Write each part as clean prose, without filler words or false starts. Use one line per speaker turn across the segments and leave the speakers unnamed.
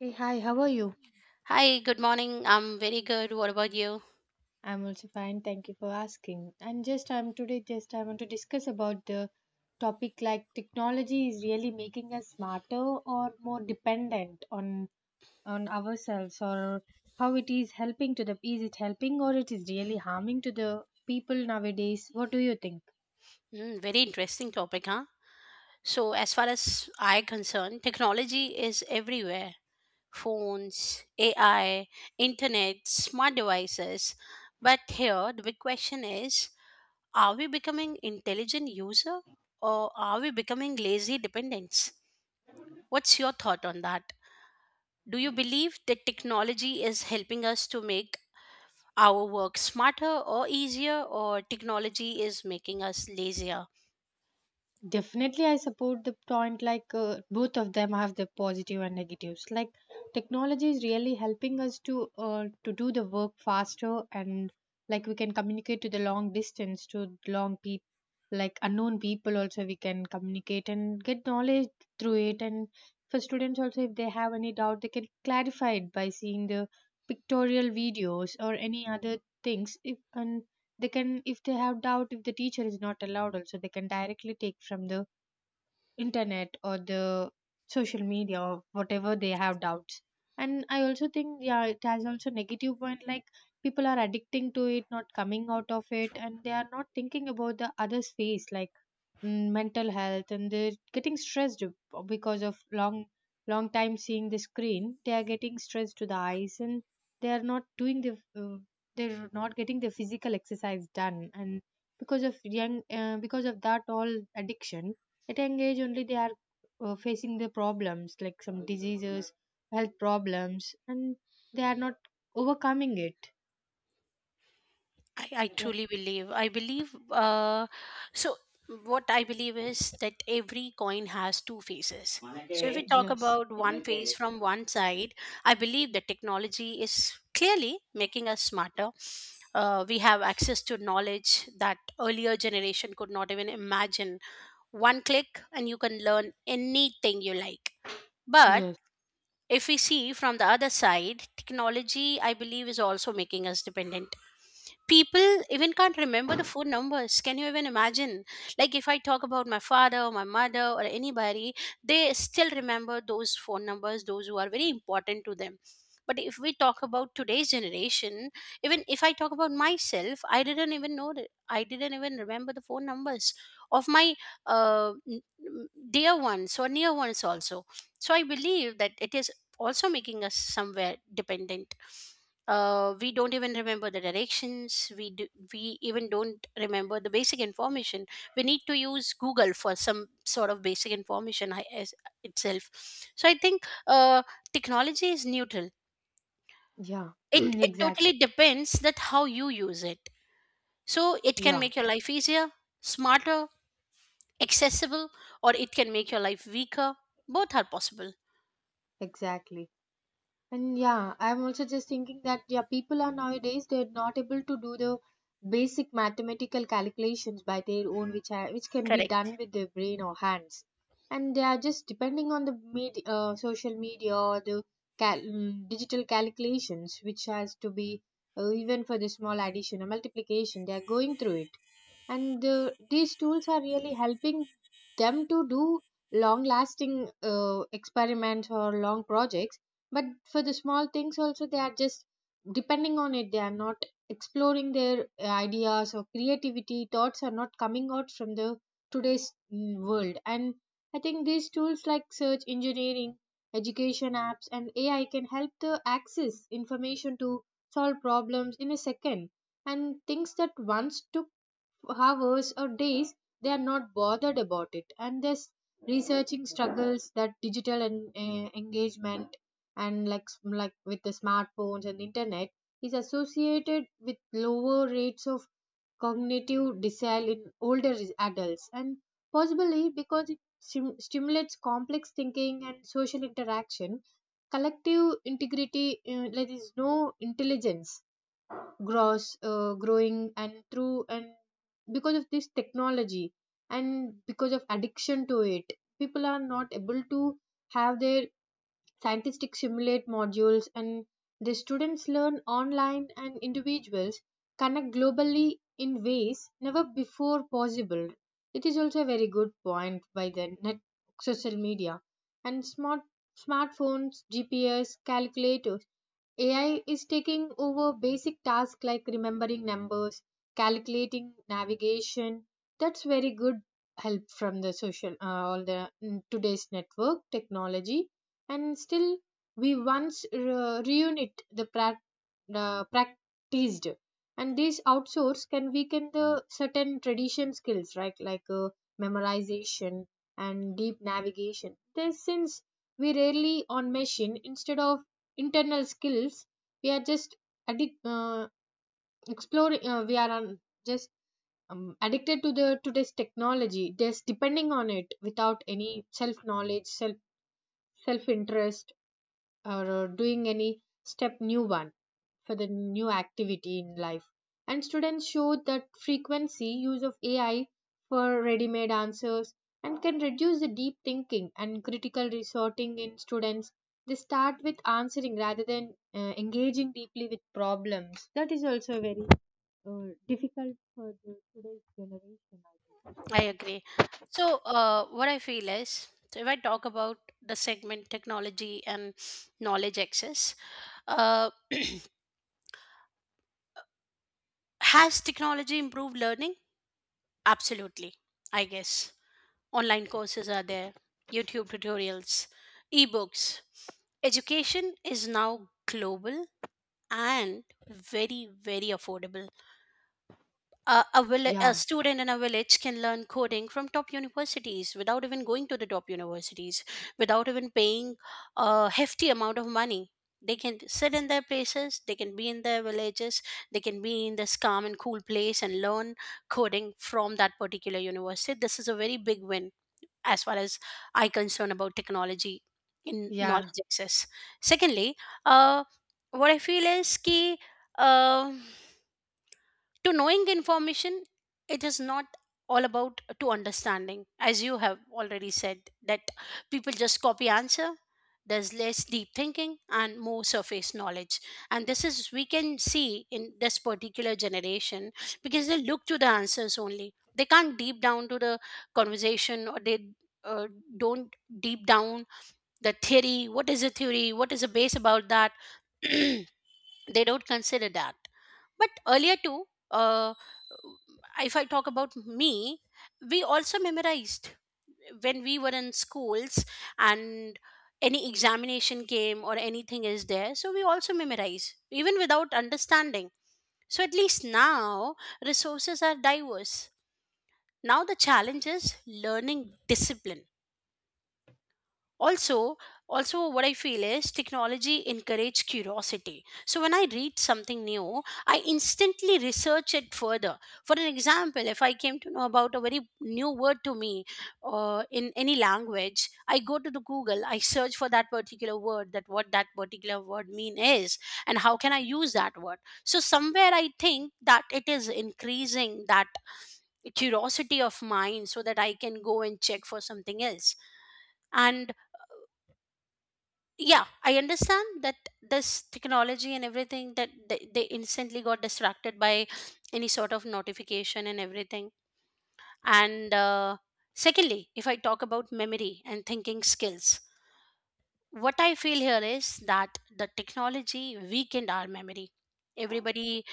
Hey, hi, how are you?
Hi, good morning. I'm very good. What about you?
I'm also fine, thank you for asking. And just I'm today just I want to discuss about the topic like, technology is really making us smarter or more dependent on ourselves, or how it is helping to the, is it helping or it is really harming to the people nowadays? What do you think?
Mm, very interesting topic, huh? So, as far as I concerned, technology is everywhere. Phones, AI, internet, smart devices. But here, the big question is, are we becoming intelligent user or are we becoming lazy dependents? What's your thought on that? Do you believe that technology is helping us to make our work smarter or easier, or technology is making us lazier?
Definitely, I support the point like, both of them have their positive and negatives. Like technology is really helping us to do the work faster, and like we can communicate to the long distance, to long people, like unknown people also we can communicate and get knowledge through it. And for students also, if they have any doubt they can clarify it by seeing the pictorial videos or any other things if. And they can, if they have doubt, if the teacher is not allowed also, they can directly take from the internet or the social media or whatever they have doubts. And I also think, yeah, it has also negative point like, people are addicting to it, not coming out of it, and they are not thinking about the other's face like, mental health, and they're getting stressed because of long time seeing the screen. They are getting stressed to the eyes and they are not doing the uh, they're not getting the physical exercise done. And because of young because of that all addiction at young age only, they are facing the problems like some diseases, health problems, and they are not overcoming it.
I
Yeah.
truly believe I believe So, what I believe is that every coin has two faces. So if we talk
Yes.
about one face from one side, I believe that technology is clearly making us smarter. We have access to knowledge that earlier generation could not even imagine. One click and you can learn anything you like. But
Yes.
if we see from the other side, technology, I believe, is also making us dependent. People even can't remember the phone numbers. Can you even imagine? Like, if I talk about my father or my mother or anybody, they still remember those phone numbers, those who are very important to them. But if we talk about today's generation, even if I talk about myself, I didn't even know, I didn't even remember the phone numbers of my uh, n- dear ones or near ones also. So I believe that it is also making us somewhere dependent. We don't even remember the directions, we even don't remember the basic information. We need to use Google for some sort of basic information as itself. So I think technology is neutral.
Yeah.
It totally
Exactly.
depends that how you use it. So it can
Yeah.
make your life easier, smarter, accessible, or it can make your life weaker. Both are possible.
Exactly. And yeah, I'm also just thinking that, yeah, people are nowadays, they're not able to do the basic mathematical calculations by their own, which are, which can be
Correct.
done with their brain or hands, and they are just depending on the media, social media, or the digital calculations, which has to be, even for the small addition or multiplication, they are going through it. And these tools are really helping them to do long lasting experiments or long projects, but for the small things also they are just depending on it. They are not exploring their ideas or creativity, thoughts are not coming out from the today's world. And I think these tools like search engineering, education apps and AI can help to access information, to solve problems in a second, and things that once took hours or days, they are not bothered about it. And this researching struggles that digital and engagement, and like like with the smartphones and internet, is associated with lower rates of cognitive decline in adults, and possibly because it stimulates complex thinking and social interaction. Collective integrity, like there is no intelligence gross growing and through, and because of this technology and because of addiction to it, people are not able to have their scientific simulate modules, and the students learn online and individuals connect globally in ways never before possible. It is also a very good point by the net, social media, and smartphones, GPS, calculators. AI is taking over basic tasks like remembering numbers, calculating navigation. That's very good help from the social, all the, today's network technology. And still we once reunit the the practiced, and this outsource can weaken the certain tradition skills, right? Like, memorization and deep navigation, this, since we rarely on machine instead of internal skills, we are just addict exploring we are on just, addicted to the today's technology, just depending on it without any self knowledge, self self interest, or doing any step new one for the new activity in life. And students showed that frequency use of AI for ready made answers and can reduce the deep thinking and critical resorting in students. They start with answering rather than engaging deeply with problems. That is also very difficult for the today's generation, I think.
I agree. So, what I feel is, so if I talk about the segment technology and knowledge access, uh, has technology improved learning? Absolutely, I guess. Online courses are there, YouTube tutorials, ebooks. Education is now global and very, very affordable. A
Yeah,
student in a village can learn coding from top universities without even going to the top universities, without even paying a hefty amount of money. They can sit in their places, they can be in their villages, they can be in this calm and cool place and learn coding from that particular university. This is a very big win as far as I concern about technology in
yeah,
knowledge access. Secondly, uh, what I feel is, key to knowing information, it is not all about to understanding. As you have already said that people just copy answer, there's less deep thinking and more surface knowledge, and this is we can see in this particular generation because they look to the answers only, they can't deep down to the conversation, or they uh, don't deep down the theory. What is a theory? What is the base about that? They don't consider that. But earlier too, uh, if I talk about me, we also memorized when we were in schools, and any examination came or anything is there, so we also memorize even without understanding. So at least now resources are diverse. Now the challenge is learning discipline also. Also what I feel is technology encourage curiosity. So when I read something new, I instantly research it further. For an example, if I came to know about a very new word to me in any language, I go to the Google, I search for that particular word, that what that particular word mean is and how can I use that word. So somewhere I think that it is increasing that curiosity of mine, so that I can go and check for something else. And yeah, I understand that this technology and everything, that they instantly got distracted by any sort of notification and everything. And secondly, if I talk about memory and thinking skills, what I feel here is that the technology weakened our memory. Everybody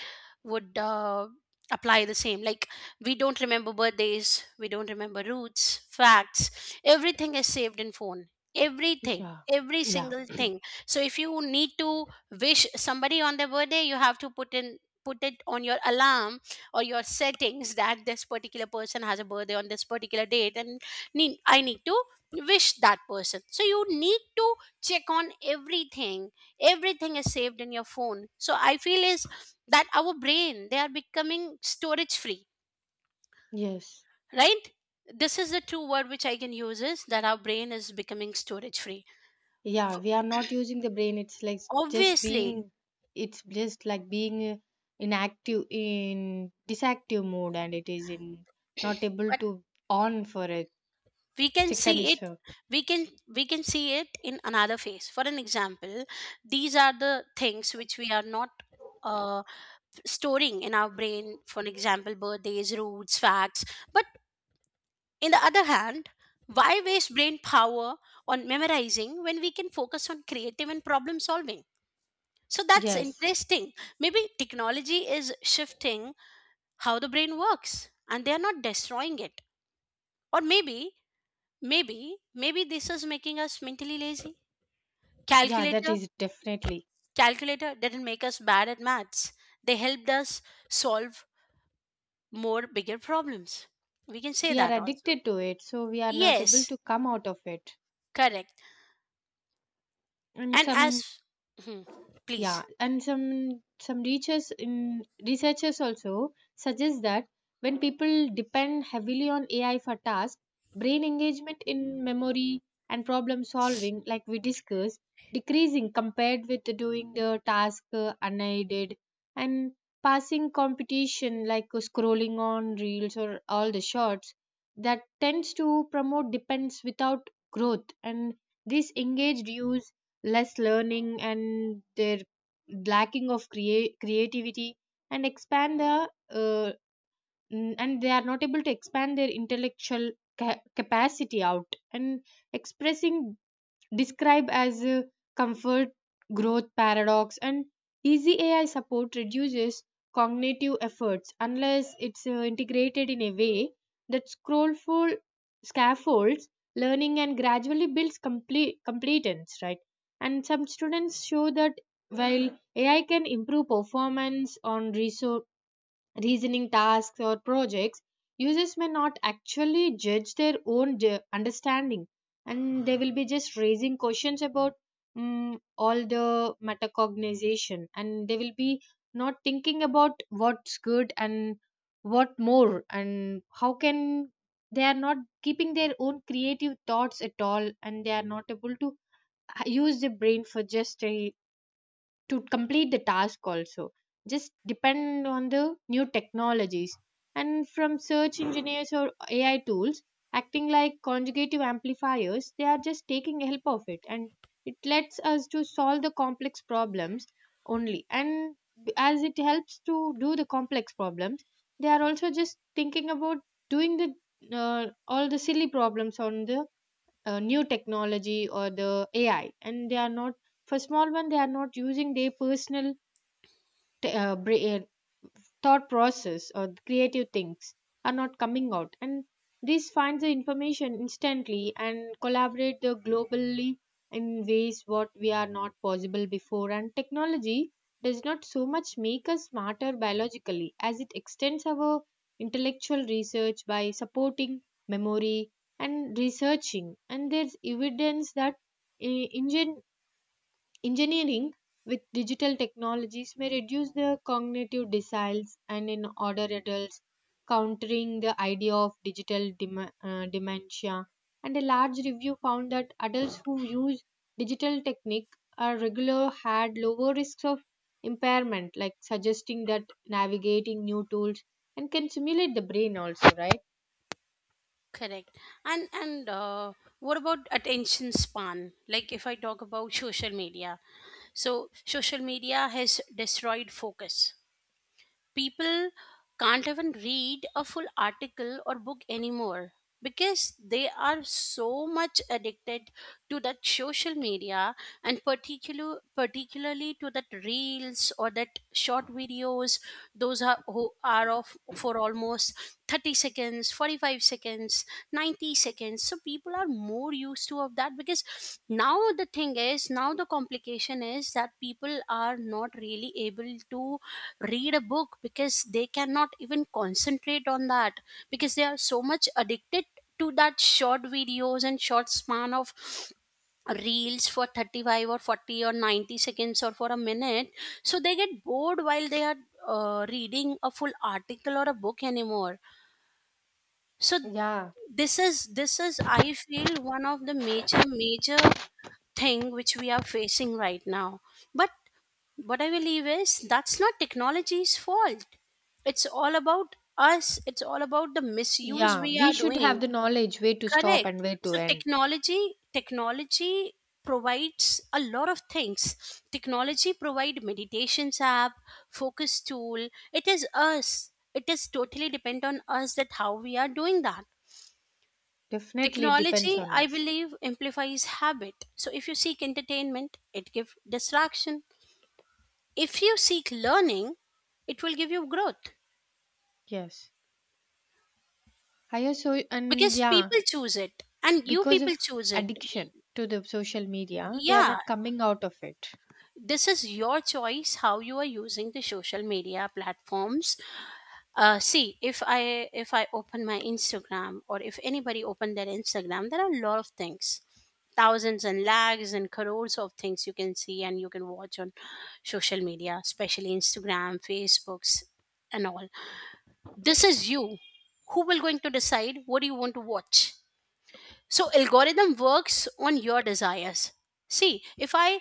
would apply the same. Like, we don't remember birthdays, we don't remember roots, facts. Everything is saved in phone. Everything.
yeah,
Every
yeah,
single thing. So if you need to wish somebody on their birthday, you have to put it on your alarm or your settings that this particular person has a birthday on this particular date and I need to wish that person. So you need to check on everything. Everything is saved in your phone. So I feel is that our brain, they are becoming storage free.
yes.
Right. This is the true word which I can use, is that our brain is becoming storage free.
Yeah, we are not using the brain, it's like just
Obviously.
being, it's just like being, inactive in disactive mode, and it is in not able
But
to on for a
we can
second,
see it,
so.
we can we can see it in another phase. For an example, these are the things which we are not uh, storing in our brain, for an example, birthdays, roots, facts. But in the other hand, why waste brain power on memorizing when we can focus on creative and problem solving? So that's
Yes.
interesting. Maybe technology is shifting how the brain works and they are not destroying it. Or maybe, maybe this is making us mentally lazy.
Yeah, that
Calculator,
is definitely,
calculator didn't make us bad at maths. They helped us solve more bigger problems. We can say
we are
that also.
addicted to it, so we are not able
Yes,
to come out of it,
correct.
and
And
some.
as, hmm,
Yeah,
please.
and some researchers in researchers also suggest that when people depend heavily on AI for tasks, brain engagement in memory and problem solving, like we discussed, decreasing compared with doing the task unaided. And passing competition like, scrolling on reels or all the shorts, that tends to promote depends without growth. And this engaged use, less learning, and their lacking of create creativity, and expand the, and they are not able to expand their intellectual capacity out and expressing, described as a comfort growth paradox. And easy AI support reduces cognitive efforts unless it's integrated in a way that scrollful scaffolds learning and gradually builds complete competence, right? And some students show that while AI can improve performance on resource reasoning tasks or projects, users may not actually judge their own understanding, and they will be just raising questions about, all the metacognization, and they will be not thinking about what's good and what more and how can, they are not keeping their own creative thoughts at all, and they are not able to use the brain for just a, to complete the task also, just depend on the new technologies and from search engineers or AI tools, acting like conjugative amplifiers. They are just taking help of it, and it lets us to solve the complex problems only, and as it helps to do the complex problems, they are also just thinking about doing the all the silly problems on the new technology or the AI. And they are not, for small one they are not using their personal, t- uh, bra- uh, thought process, or creative things are not coming out. And this finds the information instantly and collaborate the globally in ways what we are not possible before. And technology does not so much make us smarter biologically as it extends our intellectual research by supporting memory and researching. And there's evidence that uh, engine engineering with digital technologies may reduce the cognitive deciles and in older adults, countering the idea of dementia. And a large review found that adults who use digital technique are regular had lower risks of impairment, like suggesting that navigating new tools and can simulate the brain also, right?
Correct. And what about attention span? Like, if I talk about social media, so social media has destroyed focus. People can't even read a full article or book anymore because they are so much addicted to that social media, and particularly to that reels or that short videos, those are who are of for almost 30 seconds, 45 seconds, 90 seconds. So people are more used to of that, because now the thing is, now the complication is that people are not really able to read a book because they cannot even concentrate on that, because they are so much addicted to that short videos and short span of reels for 35 or 40 or 90 seconds or for a minute. So they get bored while they are reading a full article or a book anymore. So
Yeah.
this is, I feel, one of the major thing which we are facing right now. But what I believe is, that's not technology's fault, it's all about us, it's all about the misuse
Yeah,
we
we
are
should have
doing.
the knowledge where to stop
Correct.
and where to
So
end.
technology provides a lot of things. Technology provide meditations app, focus tool. It is us, it is totally depend on us that how we are doing that.
Definitely depends
Technology,
on
I
us.
believe, amplifies habit. So if you seek entertainment, it gives distraction. If you seek learning, it will give you growth,
Yes. Higher so and
because
yeah,
people choose it and you
because
people
of
choose it. Y-
addiction to the social media, they are
Yeah,
not coming out of it.
this is your choice how you are using the social media platforms. See, if I, if I open my Instagram, or if anybody open their Instagram, there are a lot of things, thousands and lags and crores of things you can see and you can watch on social media, especially Instagram, Facebooks and all. This is you who will going to decide what you want to watch. So algorithm works on your desires. See, if I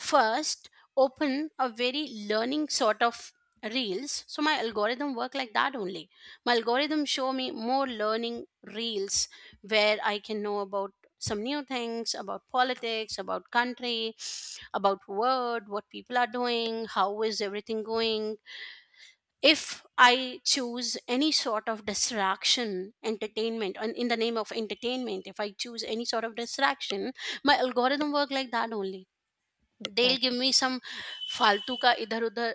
first open a very learning sort of reels, so my algorithm work like that only. My algorithm show me more learning reels, where I can know about some new things about politics, about country, about world, what people are doing, how is everything going. If I choose any sort of distraction entertainment, and in the name of entertainment if I choose any sort of distraction, my algorithm work like that only. They'll give
Exactly.
me some faltu ka idhar udhar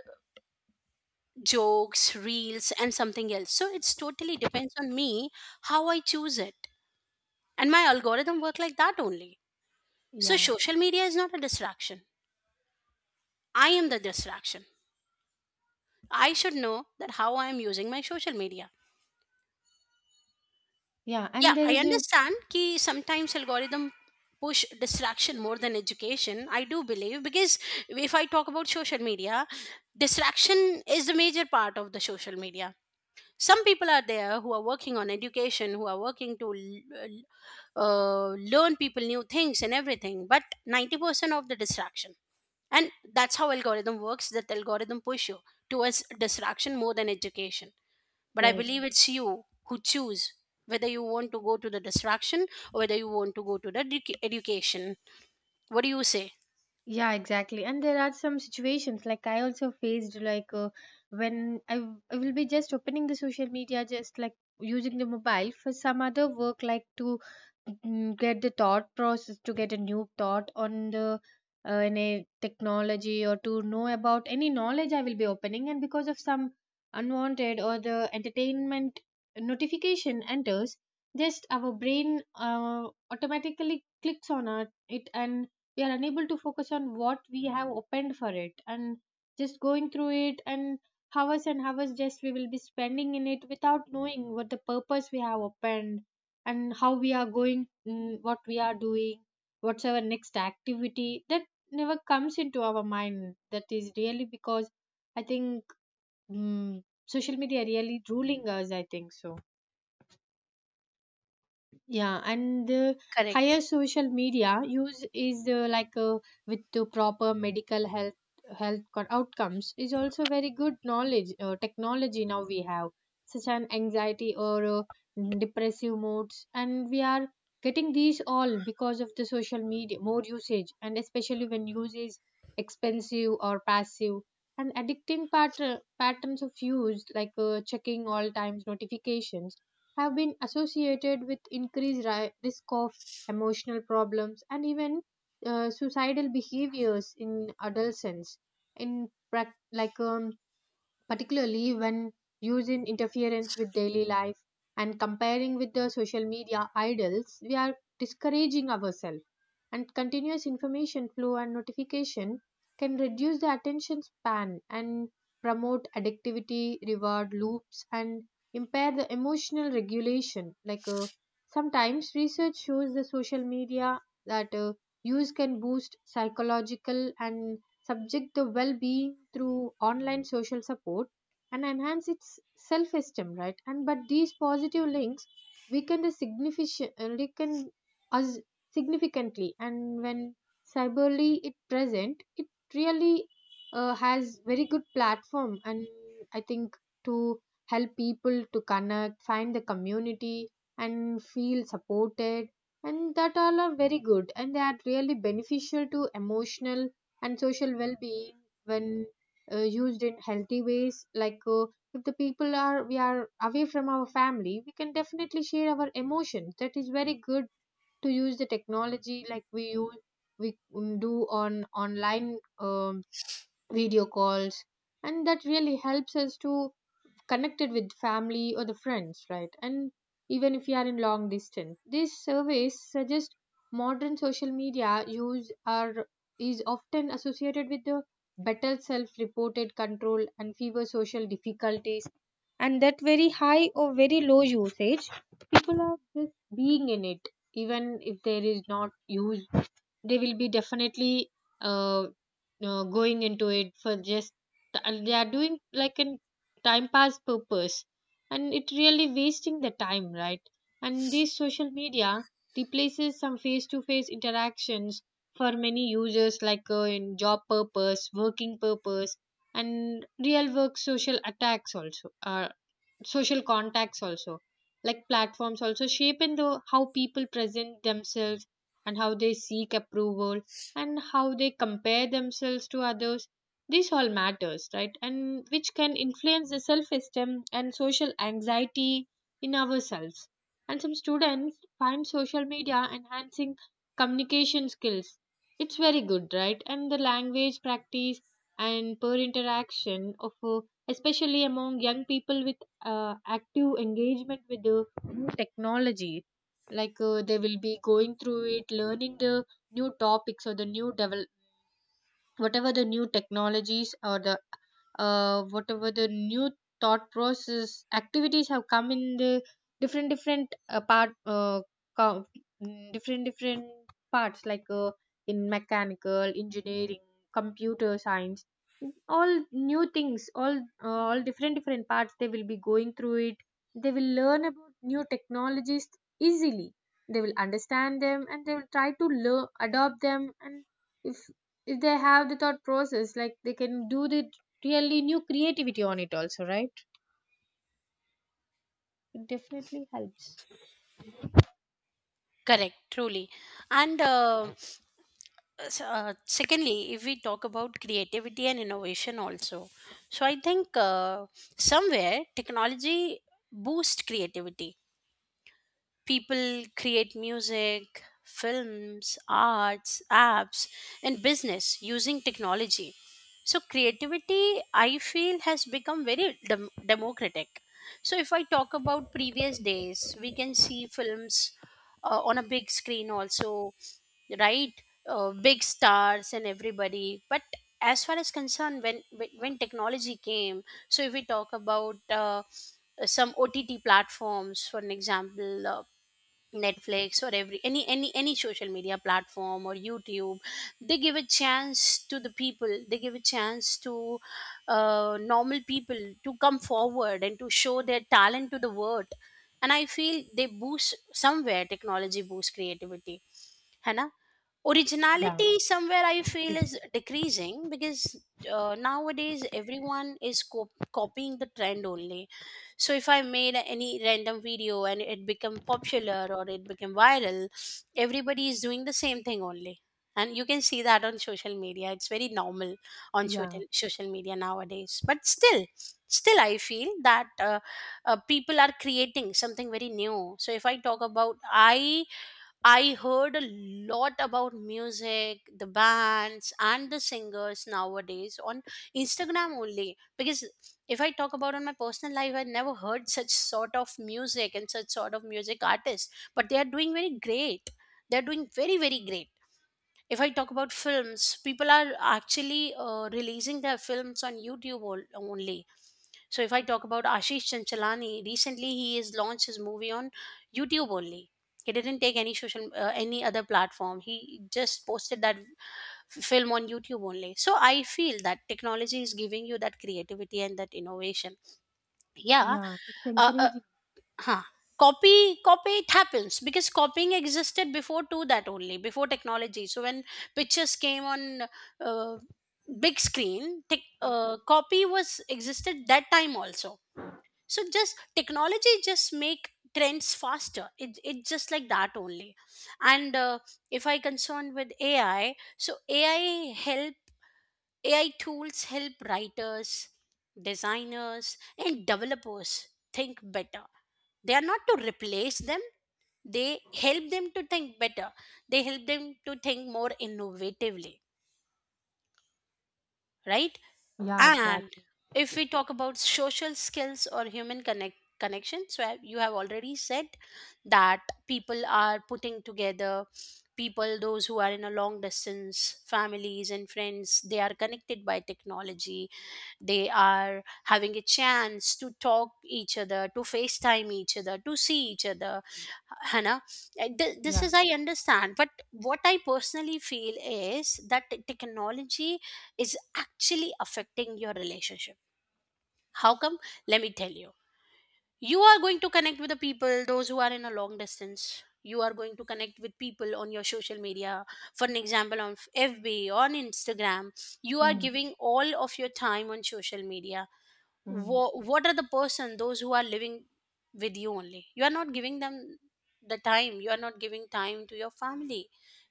jokes reels and something else. So it's totally depends on me how I choose it, and my algorithm work like that only. So
Yeah.
social media is not a distraction, I am the distraction. I should know that how I am using my social media.
Yeah.
Yeah,
And there
I
is a,
understand ki sometimes algorithm push distraction more than education. I do believe, because if I talk about social media, distraction is the major part of the social media. Some people are there who are working on education, who are working to learn people new things and everything, but 90% of the distraction, and that's how algorithm works, that algorithm push you towards distraction more than education. But I
yes.
believe it's you who choose whether you want to go to the distraction, or whether you want to go to the education. What do you say?
Yeah, exactly. And there are some situations like I also faced, like, when I, I will be just opening the social media, just like using the mobile for some other work, like to, get the thought process, to get a new thought on the, any technology, or to know about any knowledge I will be opening. And because of some unwanted or the entertainment notification enters, just our brain automatically clicks on it, and we are unable to focus on what we have opened for it, and just going through it, and hours just we will be spending in it without knowing what the purpose we have opened, and how we are going, what we are doing, what's our next activity, that never comes into our mind. That is really because I think, mm social media really ruling us, I think so. Yeah, and the higher
Correct.
social media use is, with the proper medical health, outcomes is also very good knowledge. Technology, now we have such an anxiety or, depressive moods, and we are getting these all because of the social media more usage, and especially when use is expensive or passive, and addicting patterns of use like, checking all times notifications, have been associated with increased risk of emotional problems and even suicidal behaviors in adolescence, in prac like particularly when used in interference with daily life. And comparing with the social media idols, we are discouraging ourselves. And continuous information flow and notification can reduce the attention span and promote addictivity reward loops and impair the emotional regulation, like, sometimes research shows the social media that, use can boost psychological and subject the well being through online social support and enhance its self esteem, right? And but these positive links weaken the significant weaken us significantly, and when cyberly it present, it really has very good platform. And I think to help people to connect, find the community, and feel supported, and that all are very good, and they are really beneficial to emotional and social well-being when used in healthy ways. Like if the people are we are away from our family, we can definitely share our emotions. That is very good to use the technology. Like we use do on online video calls, and that really helps us to connect it with family or the friends, right? And even if you are in long distance, these surveys suggest modern social media use are is often associated with the better self reported control and fewer social difficulties. And that very high or very low usage, people are just being in it even if there is not use, they will be definitely uh, going into it for just, and they are doing like an time pass purpose, and it really wasting the time, right? And this social media replaces some face to face interactions for many users, like in job purpose working purpose, and real work social attacks also social contacts also. Like platforms also shape in the how people present themselves, and how they seek approval, and how they compare themselves to others. This all matters, right? And which can influence the self esteem and social anxiety in ourselves. And some students find social media enhancing communication skills. It's very good, right? And the language practice and peer interaction of especially among young people with active engagement with the new technology. Like they will be going through it learning the new topics or the new develop, whatever the new technologies, or the whatever the new thought process activities have come in the different different co- different different parts. Like in mechanical engineering, computer science, all new things, all different different parts, they will be going through it. They will learn about new technologies easily. They will understand them, and they will try to learn adopt them. And if if they have the thought process, like they can do the really new creativity on it also, right? It definitely helps.
Correct, truly. And secondly, if we talk about creativity and innovation also, so I think somewhere technology boosts creativity. People create music, films, arts, apps, and business using technology. So, creativity, I feel, has become very democratic. So, if I talk about previous days, we can see films on a big screen also, right? Big stars and everybody. But as far as concerned, when technology came, so if we talk about some OTT platforms, for an example, Netflix or every any social media platform or YouTube, they give a chance to the people. They give a chance to normal people to come forward and to show their talent to the world. And I feel they boost, somewhere technology boosts creativity, है ना,
Yeah,
originality somewhere I feel
def-
is decreasing because nowadays everyone is copying the trend only. So if I made any random video and it become popular or it became viral, everybody is doing the same thing only, and you can see that on social media it's very normal on social
yeah,
social media nowadays. But still I feel that people are creating something very new. So if I talk about, i I heard a lot about music, the bands, and the singers nowadays on Instagram only. Because if I talk about on my personal life, I never heard such sort of music and such sort of music artists. But they are doing very great. They are doing very, very great. If I talk about films, people are actually releasing their films on YouTube only. So if I talk about Ashish Chanchalani, recently he has launched his movie on YouTube only. He didn't take any social, any other platform. He just posted that film on YouTube only. So I feel that technology is giving you that creativity and that innovation. Yeah,
yeah. It's
uh, uh,
encouraging.
huh, copy copy it happens because copying existed before to that only, before technology. So when pictures came on uh, big screen, tech copy was existed that time also. So just technology just make trends faster. It just like that only. And if I concerned with AI, so AI tools help writers, designers, and developers think better. They are not to replace them. They help them to think better. They help them to think more innovatively, right?
Yeah,
And
exactly.
if we talk about social skills or human connection, so you have already said that people are putting together. People those who are in a long distance families and friends, they are connected by technology. They are having a chance to talk each other, to FaceTime each other, to see each other. Hannah, this
Yeah.
is I understand, but what I personally feel is that technology is actually affecting your relationship. How come? Let me tell you, you are going to connect with the people those who are in a long distance. You are going to connect with people on your social media, for an example on FB, on Instagram. You are
Mm.
giving all of your time on social media.
Mm.
What are the person those who are living with you only, you are not giving them the time. You are not giving time to your family.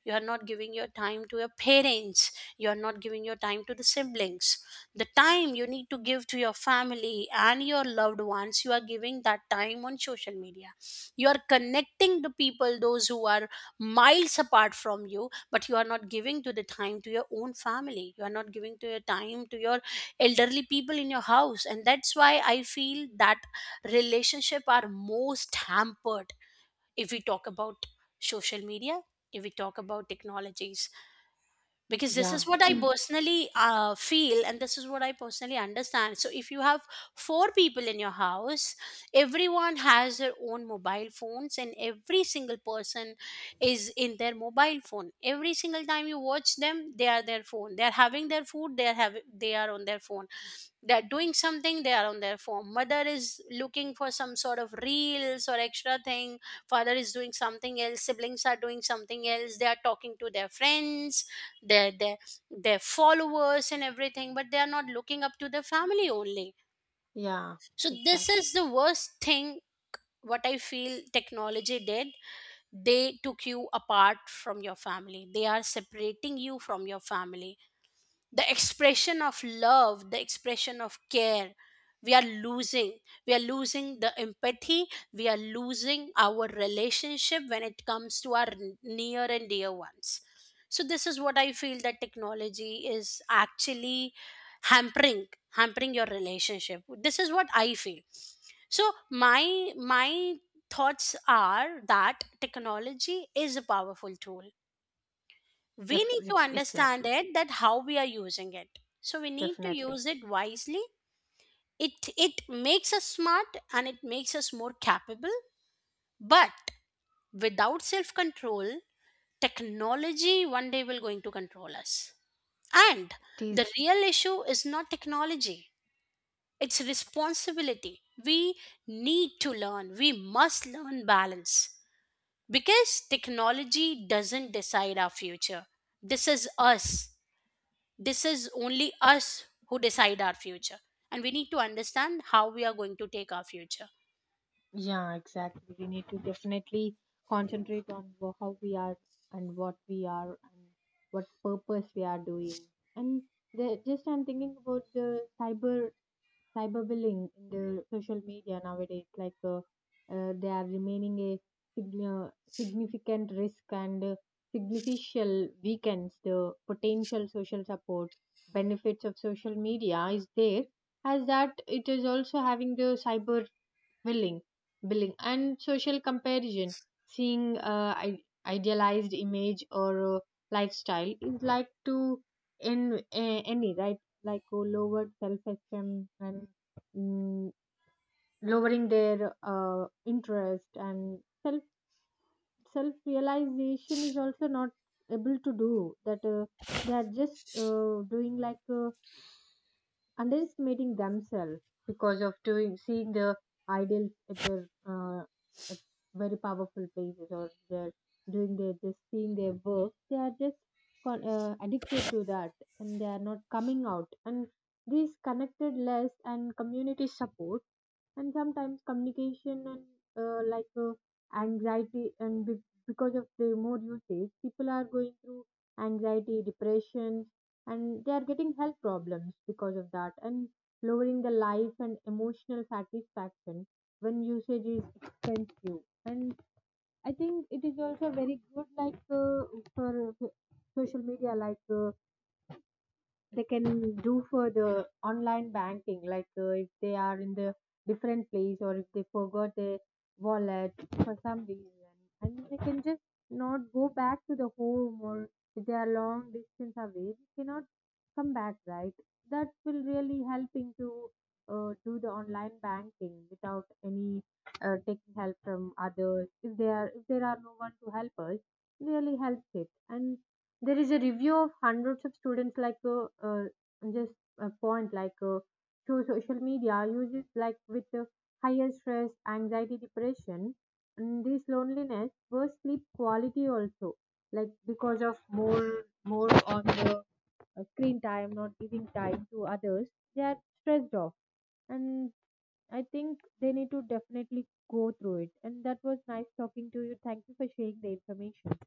You are not giving your time to your parents. You are not giving your time to the siblings. The time you need to give to your family and your loved ones, you are giving that time on social media. You are connecting the people those who are miles apart from you, but you are not giving to the time to your own family. You are not giving to your time to your elderly people in your house. And that's why I feel that relationship are most hampered if we talk about social media, if we talk about technologies, because this
Yeah.
is what I personally feel and this is what I personally understand. So, if you have 4 people in your house, everyone has their own mobile phones, and every single person is in their mobile phone. Every single time you watch them, they are their phone. They are having their food. They are having. They are on their phone. They're doing something, they are on their phone. Mother is looking for some sort of reels or extra thing. Father is doing something else. Siblings are doing something else. They are talking to their friends, their their, their followers and everything, but they are not looking up to the family only.
Yeah,
So
exactly.
this is the worst thing what I feel technology did. They took you apart from your family. They are separating you from your family. The expression of love, the expression of care, we are losing. We are losing the empathy. We are losing our relationship when it comes to our near and dear ones. So this is what I feel, that technology is actually hampering hampering your relationship. This is what I feel. So my thoughts are that technology is a powerful tool. We need to understand
Exactly.
it, that how we are using it, so we need to
Definitely.
use it wisely. It makes us smart and it makes us more capable. But without self control, technology one day will going to control us. And
It is.
the real issue is not technology, it's responsibility. We need to learn, we must learn balance, because technology doesn't decide our future. This is us. This is only us who decide our future. And we need to understand how we are going to take our future.
Yeah, exactly. We need to definitely concentrate on how we are, and what we are, and what purpose we are doing. And just I'm thinking about the cyber cyberbullying in the social media nowadays. Like they are remaining a sign- uh, significant risk, and significant weakens the potential social support benefits of social media is there. As that it is also having the cyber willing billing and social comparison seeing, uh, i- idealized image or lifestyle is like to in any, right? Like lowered self-esteem, and mm, lowering their interest, and self self-realization is also not able to do. That they are just doing like underestimating themselves because of doing seeing the idols at their at very powerful places, or they're doing their just seeing their work. They are just addicted to that, and they are not coming out. And these connected less and community support, and sometimes communication and uh, like uh, anxiety, and because of the more usage, people are going through anxiety depression, and they are getting health problems because of that, and lowering the life and emotional satisfaction when usage is expensive. And I think it is also very good, like for social media, like they can do for the online banking. Like if they are in the different place, or if they forgot their wallet for some reason, and they can just not go back to the home, or if they are long distance away they cannot come back, right? That will really helping to do the online banking without any taking help from others if there are no one to help us, really helps it. And there is a review of hundreds of students, like just a point, like through social media uses, like with higher stress, anxiety, depression, and this loneliness, worse sleep quality also, like because of more on the screen time, not giving time to others, they are stressed off. And I think they need to definitely go through it. And that was nice talking to you. Thank you for sharing the information.